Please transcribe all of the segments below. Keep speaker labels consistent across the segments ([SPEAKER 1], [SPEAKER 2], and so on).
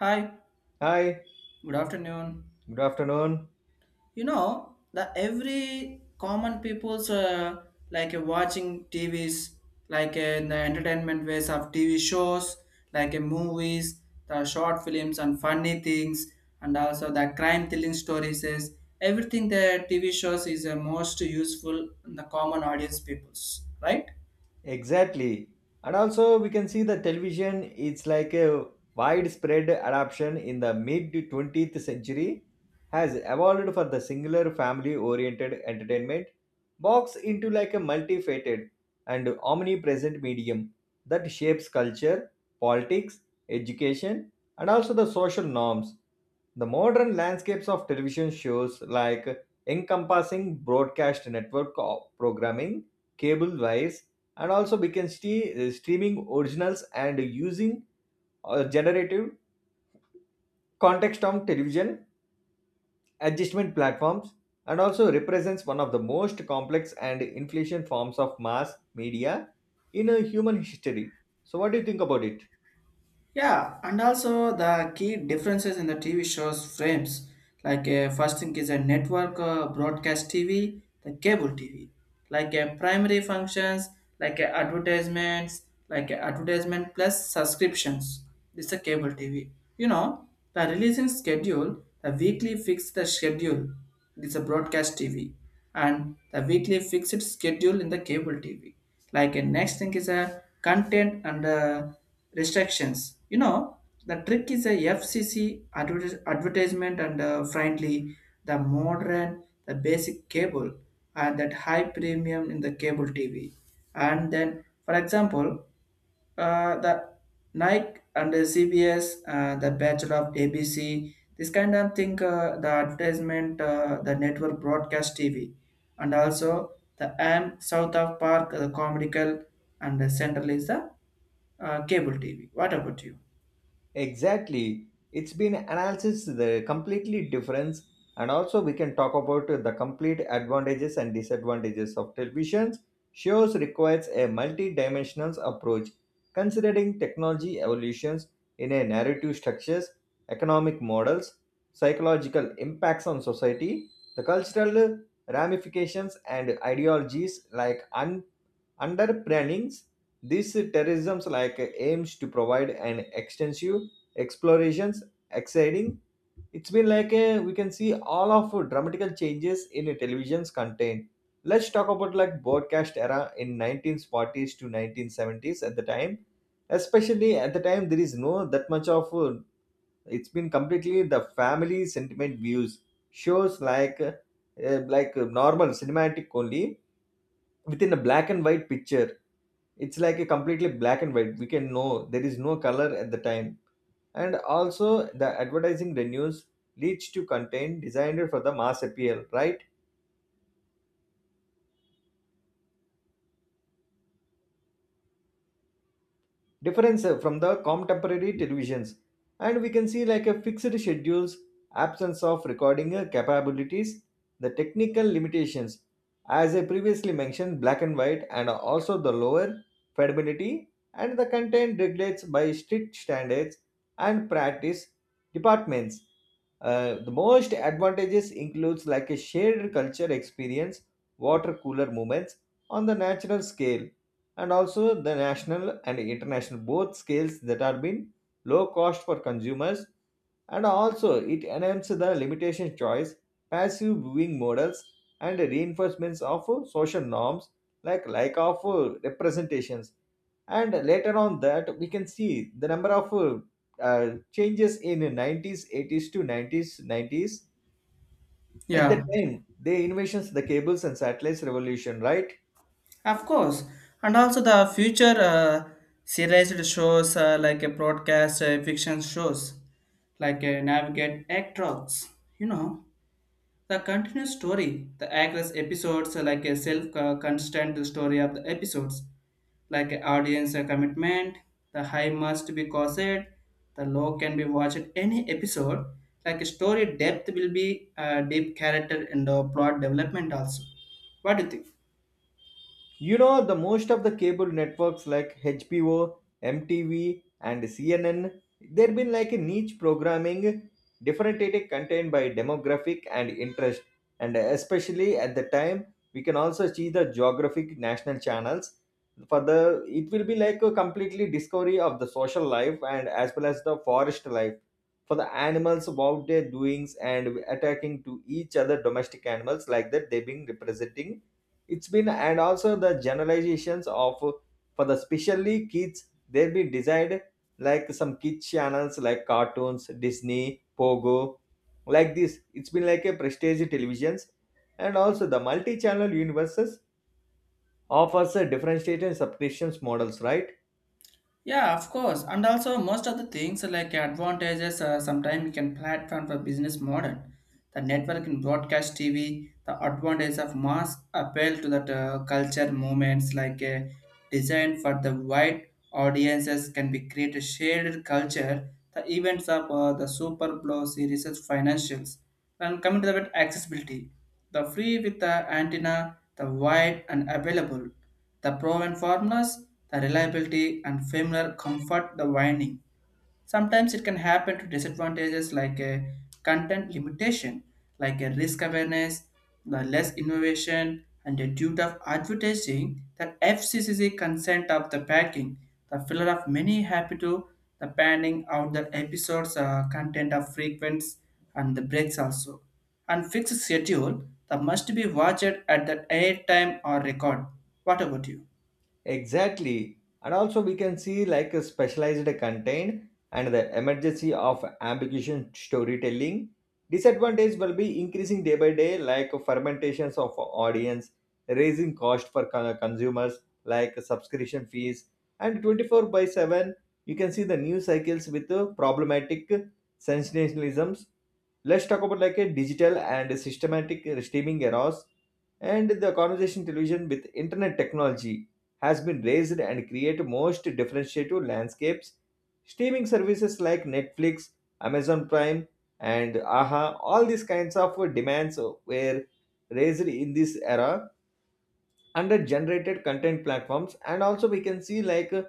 [SPEAKER 1] Hi,
[SPEAKER 2] Hi,
[SPEAKER 1] good afternoon.
[SPEAKER 2] good afternoon.
[SPEAKER 1] The every common people's watching TVs, in the entertainment ways of TV shows, movies, the short films and funny things, and also the crime thrilling stories. Is everything the TV shows is most useful in the common audience peoples, right?
[SPEAKER 2] Exactly. And also, we can see the television, it's like a widespread adoption in the mid 20th century, has evolved for the singular family oriented entertainment box into like a multifaceted and omnipresent medium that shapes culture, politics, education, and also the social norms. The modern landscapes of television shows like encompassing broadcast network programming, cable wires, and also we can see streaming originals, and using generative context on television adjustment platforms, and also represents one of the most complex and inflation forms of mass media in a human history. So what do you think about it?
[SPEAKER 1] Yeah, and also the key differences in the TV shows frames. First thing is a network broadcast TV, the cable TV. Primary functions, advertisements, advertisement plus subscriptions. This is a cable TV. You know, the releasing schedule, the weekly fixed the schedule, it is a broadcast TV, and the weekly fixed schedule in the cable TV. Like a next thing is a content and restrictions. You know, the trick is a FCC advertisement and friendly, the modern, the basic cable, and that high premium in the cable TV. And then, for example, the Nike and the CBS, the Bachelor of ABC, this kind of thing, the advertisement, the network broadcast TV, and also the AM South of Park, the Comedical, and the Central is the cable TV. What about you?
[SPEAKER 2] Exactly. It's been analysis the completely difference, and also we can talk about the complete advantages and disadvantages of televisions. Shows requires a multi-dimensional approach considering technology evolutions in a narrative structures, economic models, psychological impacts on society, the cultural ramifications and ideologies like un. Under planning's, this tourism like aims to provide an extensive explorations, exciting. It's been like a, we can see all of dramatical changes in a television's content. Let's talk about like broadcast era in 1940s to 1970s at the time. Especially at the time, there is no that much of it's been completely the family sentiment views shows like normal cinematic only within a black and white picture. It's like a completely black and white, we can know there is no color at the time. And also the advertising revenues leads to content designed for the mass appeal, right? Difference from the contemporary televisions, and we can see like a fixed schedules, absence of recording capabilities, the technical limitations, as I previously mentioned, black and white, and also the lower fidelity, and the content regulates by strict standards and practice departments. The most advantages includes like a shared culture experience, water cooler moments on the natural scale, and also the national and international both scales that are been low cost for consumers. And also it enhances the limitation choice, passive viewing models, and reinforcements of social norms, like of representations. And later on that we can see the number of changes in 90s 80s to 90s 90s at the
[SPEAKER 1] Yeah,
[SPEAKER 2] time they inventions the cables and satellites revolution, right?
[SPEAKER 1] of course. And also the future serialized shows like a broadcast fiction shows Navigate Act Rocks, you know. The continuous story, the aggress episodes are like a self-constant story of the episodes, like a audience a commitment, the high must be caused, the low can be watched any episode, like a story depth will be deep character and plot development also. What do you think?
[SPEAKER 2] You know, the most of the cable networks like HBO, MTV, and CNN, they've been like a niche programming, differentiated content by demographic and interest. And especially at the time, we can also see the geographic national channels. For the it will be like a completely discovery of the social life, and as well as the forest life for the animals about their doings and attacking to each other domestic animals like that they've been representing. It's been, and also the generalizations of, for the specially kids they'll be designed like some kids channels like cartoons, Disney, Pogo, like this. It's been like a prestige televisions, and also the multi-channel universes offers a differentiated subscriptions models, right?
[SPEAKER 1] Yeah, of course. And also, most of the things like advantages, sometimes can platform for business model. The network in broadcast TV, the advantage of mass appeal to that culture movements design for the wide audiences can be create a shared culture. The events of the Super Blow series is financials. And coming to the bit accessibility, the free with the antenna, the wide and available. The proven formulas, the reliability and familiar comfort the winding. Sometimes it can happen to disadvantages like a content limitation, like a risk awareness, the less innovation, and the due of advertising the FCCC consent of the packing, the filler of many happy to the panning out the episodes content of frequents and the breaks also. And fixed schedule that must be watched at the air time or record. What about you?
[SPEAKER 2] Exactly. And also we can see like a specialized content and the emergency of ambiguous storytelling. Disadvantage will be increasing day by day like fermentations of audience, raising cost for consumers like subscription fees, and 24 by 7 you can see the news cycles with problematic sensationalisms. Let's talk about like a digital and systematic streaming errors, and the conversation television with internet technology has been raised and create most differentiative landscapes. Streaming services like Netflix, Amazon Prime, and AHA, all these kinds of demands were raised in this era under generated content platforms, and also we can see like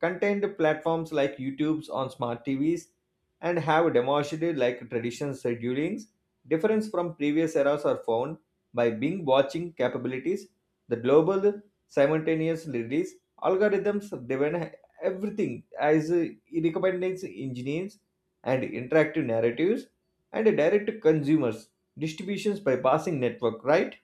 [SPEAKER 2] content platforms like YouTube's on smart TVs, and have demonstrated like traditional schedulings difference from previous eras are found by Bing watching capabilities, the global simultaneous release, algorithms have driven everything as recommending engines and interactive narratives and direct to consumers distributions by passing network, right?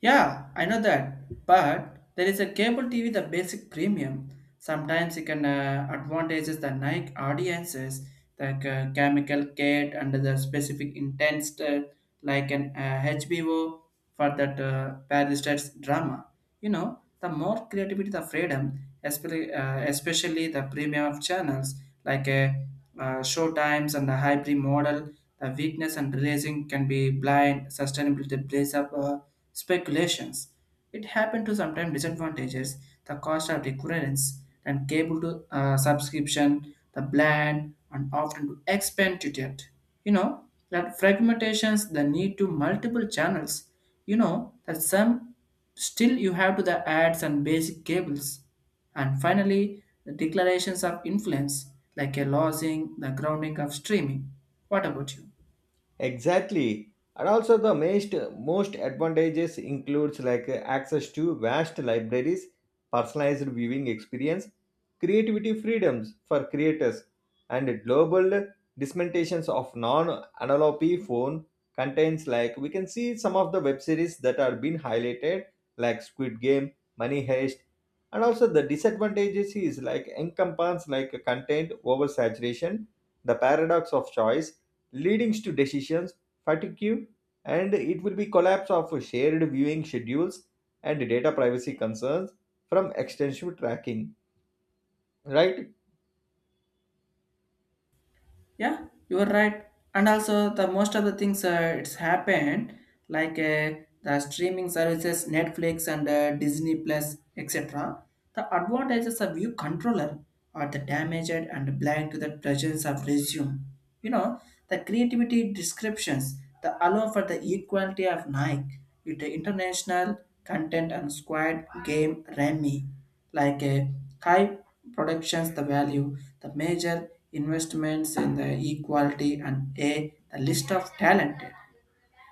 [SPEAKER 1] Yeah, I know that. But there is a cable TV, the basic premium. Sometimes it can advantages the Nike audiences, the chemical kit and the specific intense like an HBO for that Paris drama. You know, the more creativity, the freedom, especially the premium of channels like show times and the hybrid model, the weakness and releasing can be blind, sustainability plays up speculations. It happened to sometimes disadvantages, the cost of recurrence and cable to subscription, the bland and often to expand to debt. You know, that fragmentations, the need to multiple channels. You know, that some Still, you have to the ads and basic cables, and finally the declarations of influence, like a losing the grounding of streaming. What about you?
[SPEAKER 2] Exactly. And also the most advantages includes like access to vast libraries, personalized viewing experience, creativity freedoms for creators, and global dismentations of non-analog phone contains, like we can see some of the web series that are being highlighted like Squid Game, Money Heist. And also the disadvantages is like encompass like content oversaturation, the paradox of choice leading to decisions fatigue, and it will be collapse of shared viewing schedules and data privacy concerns from extensive tracking, right?
[SPEAKER 1] Yeah, you are right. And also, the most of the things it's happened, the streaming services, Netflix and Disney Plus, etc. The advantages of view controller are the damaged and blind to the presence of resume. You know, the creativity descriptions, the allow for the equality of Nike with the international content and squad game Remy like a high productions the value the major investments in the equality and a the list of talented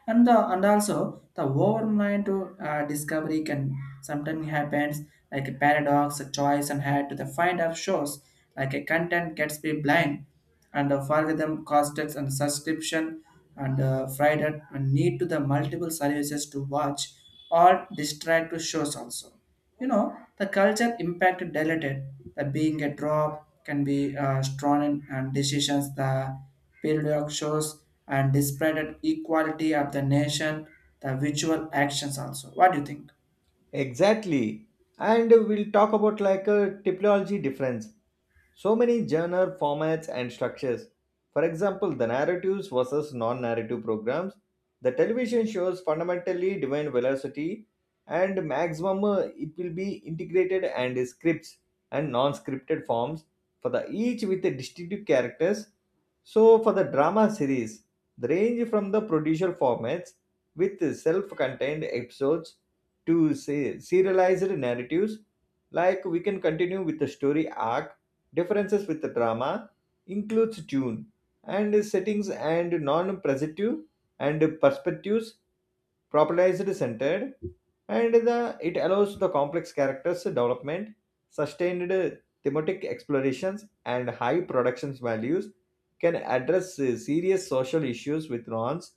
[SPEAKER 1] and the and also the overnight to discovery can sometimes happens like a paradox a choice and had to the find of shows like a content gets be blind and the algorithm costs and subscription and and need to the multiple services to watch or distract to shows also you know, the culture impact dilated. The being a drop can be strong in and decisions the periodic shows and displayed equality of the nation, the visual actions also. What do you think?
[SPEAKER 2] Exactly. And we'll talk about like a typology difference. So many genre formats and structures. For example, the narratives versus non-narrative programs. The television shows fundamentally divine velocity and maximum, it will be integrated and scripts and non-scripted forms for the each with the distinctive characters. So for the drama series, the range from the procedural formats with self-contained episodes to say serialized narratives like we can continue with the story arc. Differences with the drama includes tune and settings and non-presentative and perspectives properly centered. And the it allows the complex characters development, sustained thematic explorations, and high production values, can address serious social issues with nuance.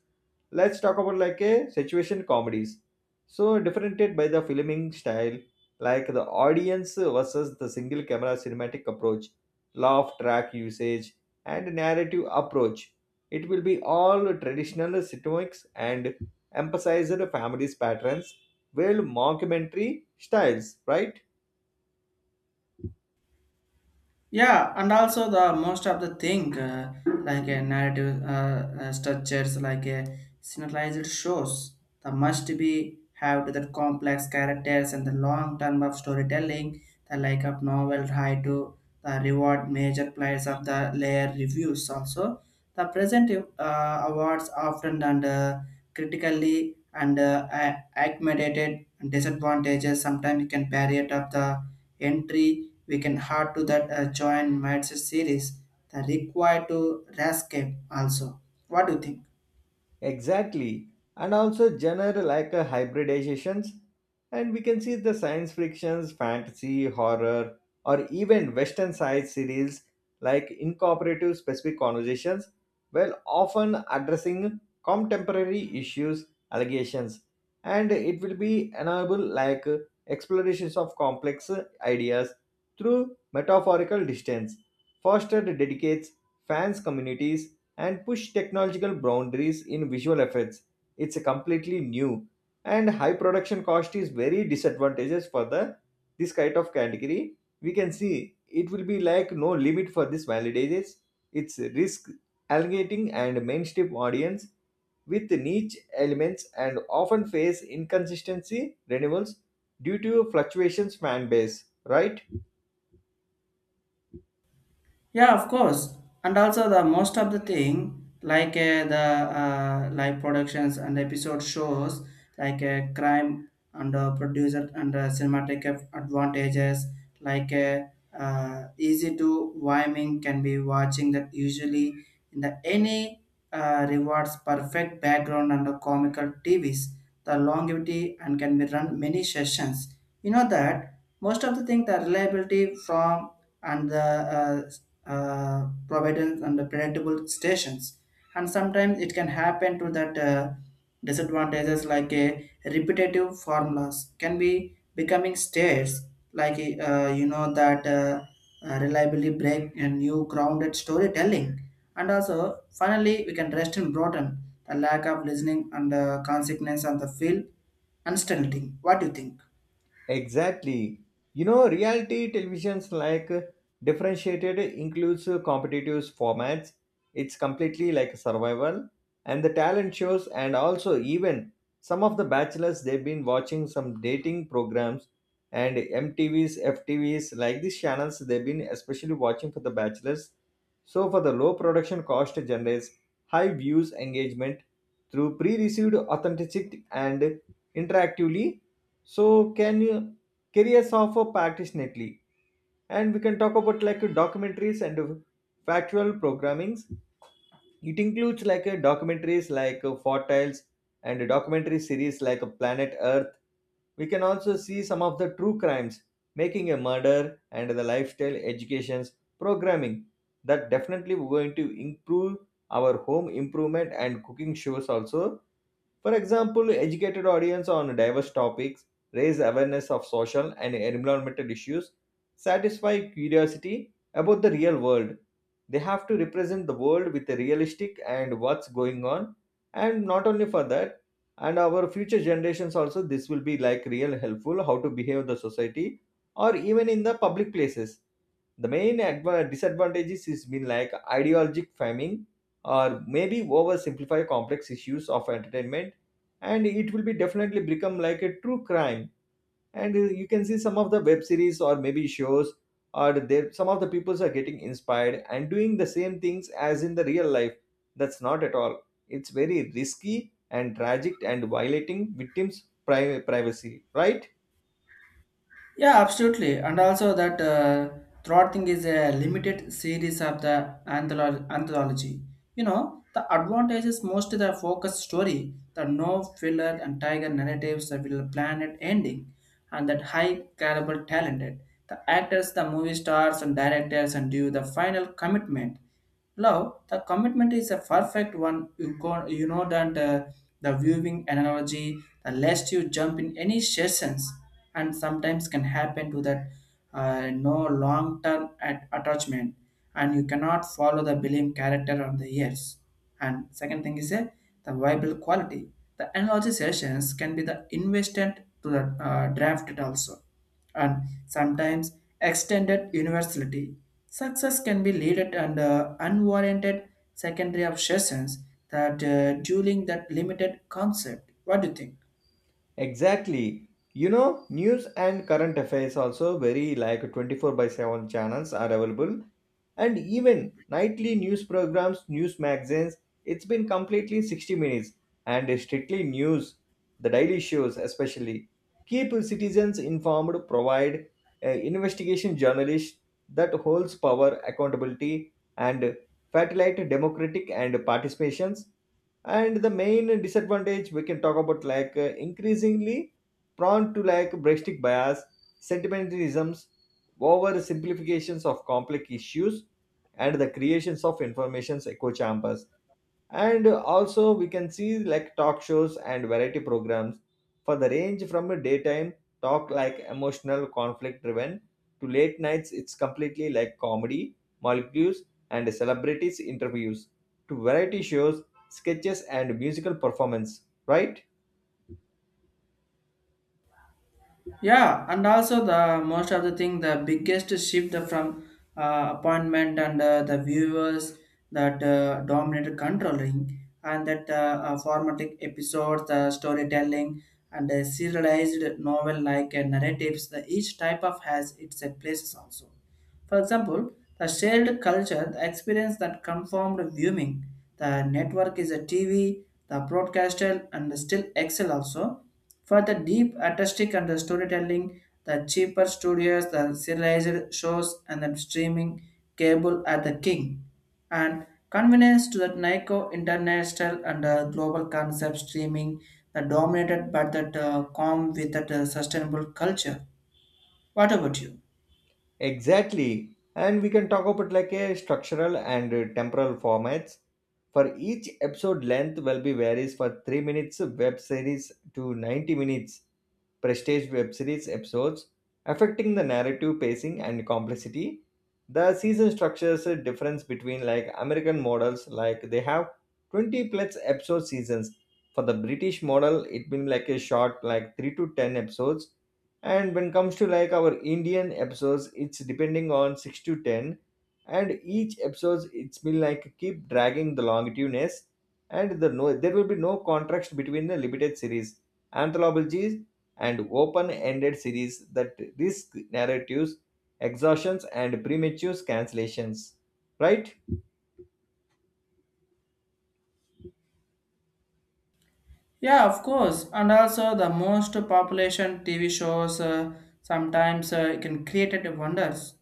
[SPEAKER 2] Let's talk about like a situation comedies, so differentiated by the filming style, like the audience versus the single camera cinematic approach, laugh track usage, and narrative approach. It will be all traditional sitcoms and emphasize the family's patterns, well mockumentary styles, right?
[SPEAKER 1] Yeah, and also the most of the thing like a narrative structures like a synchronized shows the must be have to the complex characters and the long term of storytelling the like of novel high to the reward major players of the layer reviews also the present awards often and critically and accommodated and disadvantages sometimes you can barrier of the entry we can add to that join Manchester series the required to escape also. What do you think?
[SPEAKER 2] Exactly. And also genre like a hybridizations. And we can see the science frictions, fantasy, horror, or even western side series like incorporative specific conversations, while often addressing contemporary issues, allegations. And it will be enable like explorations of complex ideas through metaphorical distance, fostered dedicates fans communities, and push technological boundaries in visual effects. It's a completely new, and high production cost is very disadvantageous for the this kind of category. We can see it will be like no limit for this validators. It's risk allocating and mainstream audience with niche elements, and often face inconsistency renewals due to fluctuations fan base, right?
[SPEAKER 1] Yeah, of course. And also the most of the thing like the live productions and episode shows crime and producer and cinematic advantages like easy to Wyoming can be watching that usually in the any rewards perfect background and the comical TVs the longevity and can be run many sessions. You know that most of the thing the reliability from and the providence and the predictable stations and sometimes it can happen to that disadvantages like a repetitive formulas can be becoming states like you know that reliably break a new grounded storytelling and also finally we can rest in bottom the lack of listening and the consequence of the field uncertainty. What do you think?
[SPEAKER 2] Exactly. You know, reality televisions like differentiated includes competitive formats. It's completely like survival and the talent shows, and also even some of the bachelors they've been watching some dating programs and MTVs, FTVs, like these channels they've been especially watching for the bachelors. So for the low production cost generates high views engagement through pre-received authenticity and interactively, so can you carry us off passionately? And we can talk about like documentaries and factual programmings. It includes like a documentaries like Fortiles and a documentary series like a Planet Earth. We can also see some of the true crimes, making a murder and the lifestyle educations programming. That definitely we're going to improve our home improvement and cooking shows also. For example, educated audience on diverse topics, raise awareness of social and environmental issues, satisfy curiosity about the real world. They have to represent the world with a realistic and what's going on. And not only for that, and our future generations also, this will be like real helpful how to behave the society or even in the public places. The main disadvantages has been like ideologic famine, or maybe oversimplify complex issues of entertainment, and it will be definitely become like a true crime, and you can see some of the web series or maybe shows, or there some of the peoples are getting inspired and doing the same things as in the real life. That's not at all, it's very risky and tragic and violating victims privacy, right?
[SPEAKER 1] Yeah, absolutely. And also that Throat thing is a limited series of the anthology. You know, the advantage is mostly the focus story, the no filler and tiger narratives that will planet ending, and that high caliber talented. The actors, the movie stars and directors and do the final commitment. Love, the commitment is a perfect one. You go, you know that the viewing analogy, the less you jump in any sessions, and sometimes can happen to that no long term attachment, and you cannot follow the belief character on the years. And second thing is the viable quality. The analogy sessions can be the invested to the drafted also and sometimes extended universality. Success can be leaded and unwarranted secondary obsessions that dueling that limited concept. What do you think?
[SPEAKER 2] Exactly. You know, news and current affairs also very like 24 by 7 channels are available, and even nightly news programs, news magazines, it's been completely 60 minutes and strictly news, the daily shows especially. Keep citizens informed, provide investigation journalist that holds power, accountability, and facilitate democratic and participations. And the main disadvantage we can talk about like increasingly prone to like breastic bias, sentimentalisms, over simplifications of complex issues, and the creations of information's echo chambers. And also we can see like talk shows and variety programs for the range from a daytime talk like emotional conflict driven to late nights. It's completely like comedy molecules and celebrities interviews to variety shows, sketches, and musical performance, right?
[SPEAKER 1] Yeah, and also the most of the thing, the biggest shift from appointment and the viewers that dominated controlling and that formatic episodes, the storytelling and serialized novel like narratives, the each type of has its places also. For example, the shared culture, the experience that conformed viewing, the network is a TV, the broadcaster, and the still Excel also. For the deep artistic and the storytelling, the cheaper studios, the serialized shows, and the streaming cable are the king. And convenience to the Nico international and global concept streaming, the dominated but that calm with that sustainable culture. What about you?
[SPEAKER 2] Exactly. And we can talk about like a structural and temporal formats, for each episode length will be varies for 3 minutes web series to 90 minutes prestige web series episodes, affecting the narrative pacing and complexity. The season structures a difference between like American models, like they have 20 plus episode seasons. For the British model, it been like a short, like 3 to 10 episodes. And when comes to like our Indian episodes, it's depending on 6 to 10. And each episode, it's been like keep dragging the longitudeness, and the no, there will be no contrast between the limited series. Anthologies and open ended series that risk narratives, exhaustions, and premature cancellations. Right?
[SPEAKER 1] Yeah, of course. And also, the most population TV shows sometimes it can create it wonders,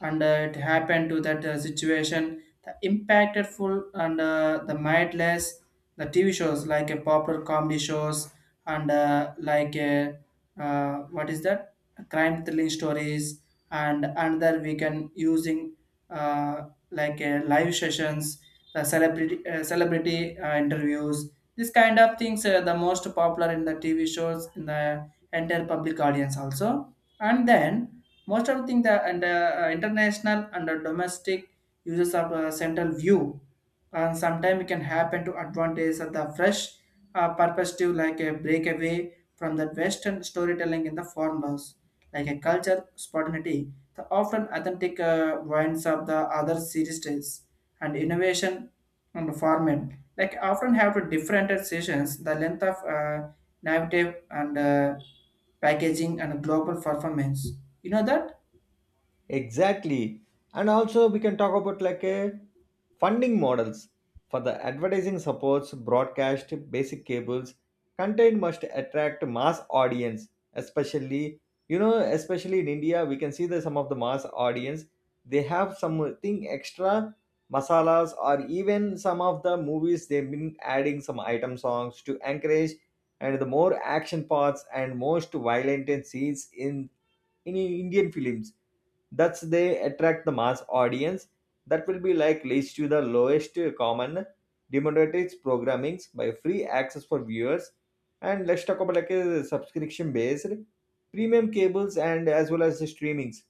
[SPEAKER 1] and it happened to that situation. The impactful and the mindless the TV shows like a popular comedy shows and like what is that crime thrilling stories and another we can using uh, like a live sessions the celebrity celebrity interviews this kind of things are the most popular in the TV shows in the entire public audience also. And then most of the thing the and international and the domestic uses of central view and sometimes it can happen to advantage of the fresh perspective like a breakaway from the western storytelling in the formulas like a culture spontaneity the often authentic wines of the other series styles and innovation and format like often have to different sessions, the length of narrative and packaging and global performance. You know that?
[SPEAKER 2] Exactly. And also we can talk about like a funding models for the advertising supports broadcast basic cables content must attract mass audience, especially you know especially in India we can see that some of the mass audience, they have something extra masalas, or even some of the movies they've been adding some item songs to encourage and the more action parts and most violent scenes in Indian films. That's they attract the mass audience that will be like leads to the lowest common democratic programmings by free access for viewers. And let's talk about like a subscription based premium cables and as well as the streamings.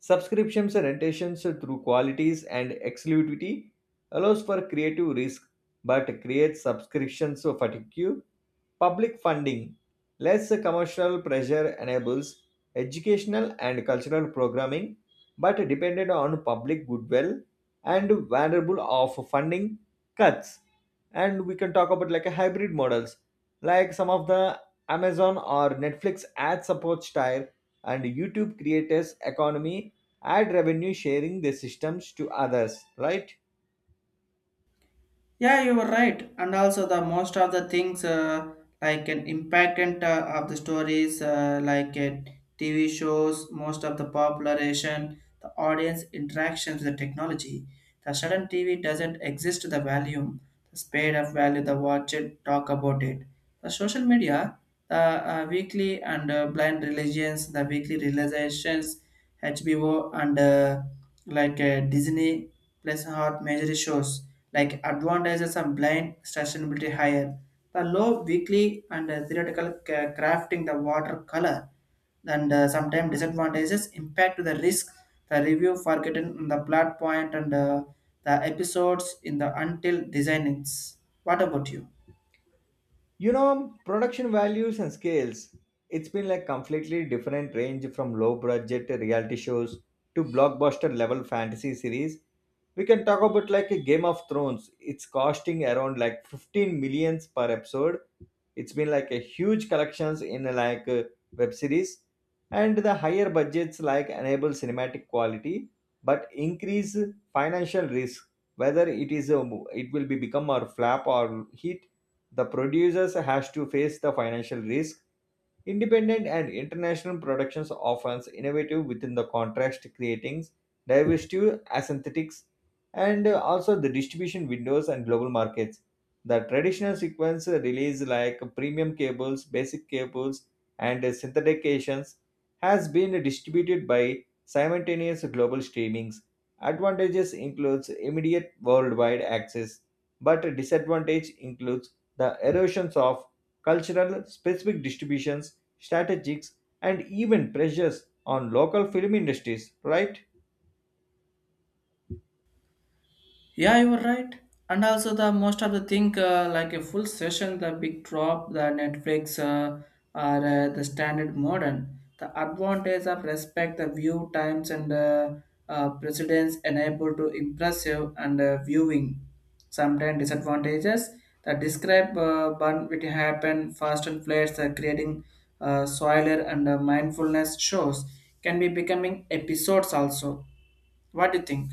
[SPEAKER 2] Subscriptions and rentations through qualities and exclusivity allows for creative risk but creates subscriptions for fatigue. Public funding, less commercial pressure enables educational and cultural programming, but depended on public goodwill and vulnerable of funding cuts. And we can talk about like a hybrid models, like some of the Amazon or Netflix ad support style and YouTube creators economy ad revenue sharing the systems to others, right?
[SPEAKER 1] Yeah, you were right. And also the most of the things like an impactant of the stories like TV shows, most of the popularization, the audience interactions with the technology. The sudden TV doesn't exist the volume, the spade of value, the watch it, talk about it. The social media the weekly and blind religions, the weekly realizations, HBO and like Disney plus hot major shows like advantages of blind sustainability higher. The low weekly and uh, theoretical crafting the watercolor and sometimes disadvantages impact to the risk the review forgotten in the plot point and the episodes in the until designings. What about you?
[SPEAKER 2] You know, production values and scales, it's been like completely different range from low budget reality shows to blockbuster level fantasy series. We can talk about like a Game of Thrones. It's costing around like 15 millions per episode. It's been like a huge collections in like a web series, and the higher budgets like enable cinematic quality but increase financial risk. Whether it is a, it will be become or flap or hit, the producers has to face the financial risk. Independent and international productions often innovative within the contrast, creating diversity, aesthetics, and also the distribution windows and global markets. The traditional sequence release like premium cables, basic cables, and synthetizations has been distributed by simultaneous global streamings. Advantages includes immediate worldwide access, but disadvantage includes the erosions of cultural specific distributions strategies, and even pressures on local film industries, right?
[SPEAKER 1] Yeah, you were right. And also the most of the thing like a full session, the big drop, the Netflix are the standard modern. The advantage of respect, the view times and precedence enable to impressive and viewing. Sometimes disadvantages that describe burn which happen fast and flares creating soiler and mindfulness shows can be becoming episodes also. What do you think?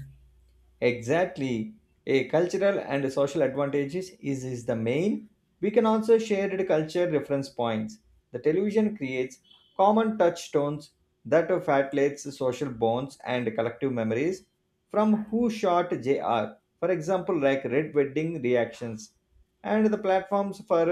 [SPEAKER 2] Exactly. A cultural and social advantages is the main. We can also share the culture reference points. The television creates common touchstones that facilitates social bonds and collective memories, from who shot J.R. for example, like Red Wedding reactions, and the platforms for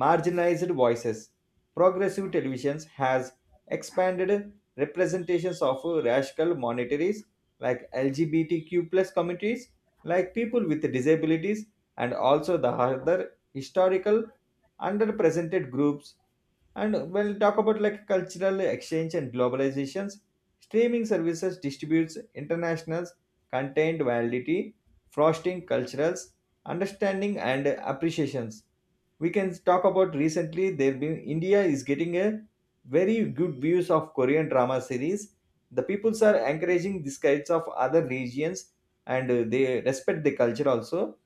[SPEAKER 2] marginalized voices. Progressive televisions has expanded representations of racial minorities like LGBTQ plus communities, like people with disabilities, and also the other historical underrepresented groups. And we'll talk about like cultural exchange and globalizations. Streaming services distributes internationals content validity, frosting culturals, understanding and appreciations. We can talk about recently there been India is getting a very good views of Korean drama series. The peoples are encouraging these kinds of other regions, and they respect the culture also,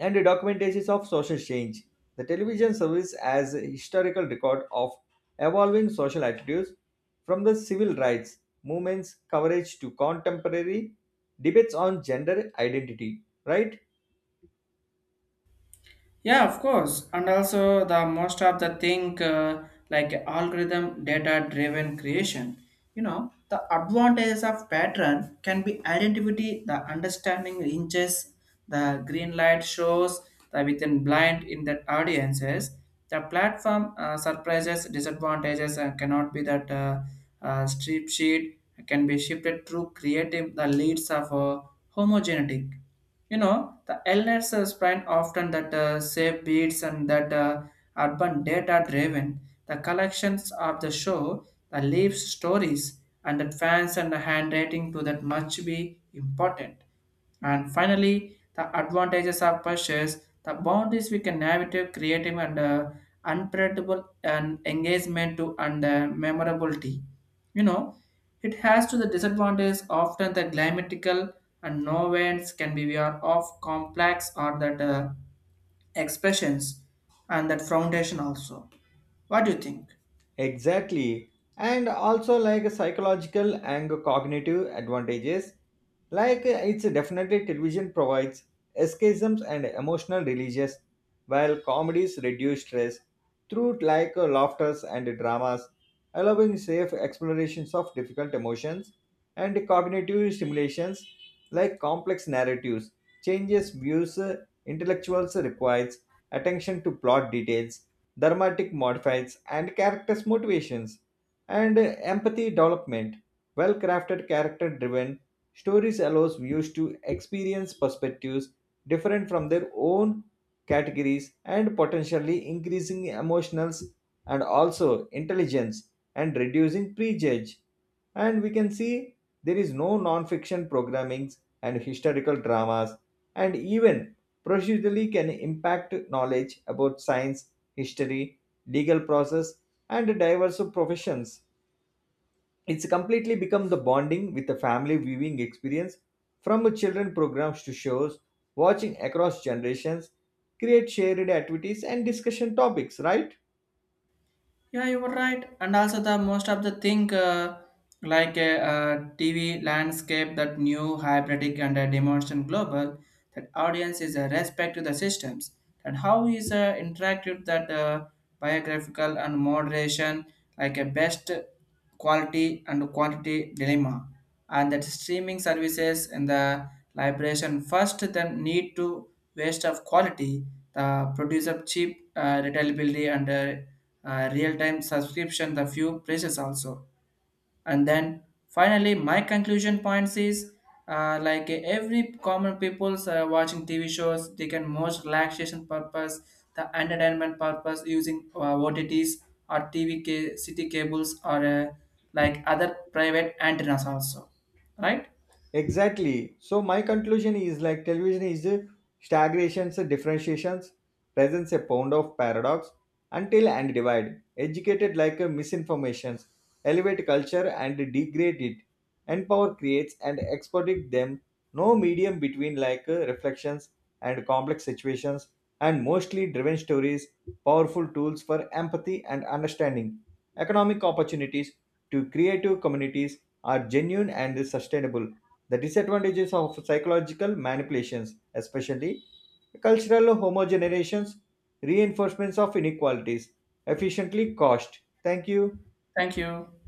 [SPEAKER 2] and the documentaries of social change. The television serves as a historical record of evolving social attitudes, from the civil rights movements coverage to contemporary debates on gender identity, right?
[SPEAKER 1] Yeah, of course. And also the most of the thing like algorithm data driven creation. You know, the advantages of pattern can be identity, the understanding inches, the green light shows the within blind in the audiences. The platform surprises, disadvantages cannot be that strip sheet can be shifted through creative the leads of homogeneity. You know, the elders spend often that save beats and that urban data driven, the collections of the show, the leaves stories, and that fans and the handwriting to that much be important. And finally, the advantages of purchase, the boundaries we can navigate creative and unpredictable and engagement to and memorability. You know, it has to the disadvantage often the climatical and no winds can be aware of complex or that expressions and that foundation also. What do you think?
[SPEAKER 2] Exactly. And also like psychological and cognitive advantages. Like, it's definitely television provides escapisms and emotional releases, while comedies reduce stress through like laughters and dramas, allowing safe explorations of difficult emotions and cognitive stimulations like complex narratives, changes views, intellectuals requires attention to plot details, dramatic modifies and characters motivations, and empathy development. Well crafted character driven stories allows viewers to experience perspectives different from their own categories, and potentially increasing emotionals and also intelligence and reducing prejudge. And we can see there is no non-fiction programmings and historical dramas, and even procedurally can impact knowledge about science, history, legal process, and diverse professions. It's completely become the bonding with the family viewing experience, from children programs to shows, watching across generations, create shared activities and discussion topics, right?
[SPEAKER 1] Yeah, you were right. And also the most of the thing TV landscape that new hybridic and demonstration global that audience is a respect to the systems and how is interacted that biographical and moderation like a best quality and quantity dilemma and that streaming services in the liberation first then need to waste of quality the produce of cheap retailability and real-time subscription the few places also. And then finally my conclusion points is every common people's watching TV shows they can most relaxation purpose the entertainment purpose using OTTs or city cables or like other private antennas also, right?
[SPEAKER 2] Exactly. So my conclusion is like television is a stagnations, a differentiations, presents a pound of paradox, until and divide, educated like a misinformations, elevate culture and degrade it, and power creates and exploit them, no medium between like reflections and complex situations and mostly driven stories, powerful tools for empathy and understanding. Economic opportunities to creative communities are genuine and sustainable. The disadvantages of psychological manipulations, especially cultural homogenerations, reinforcements of inequalities, efficiently cost. Thank you.
[SPEAKER 1] Thank you.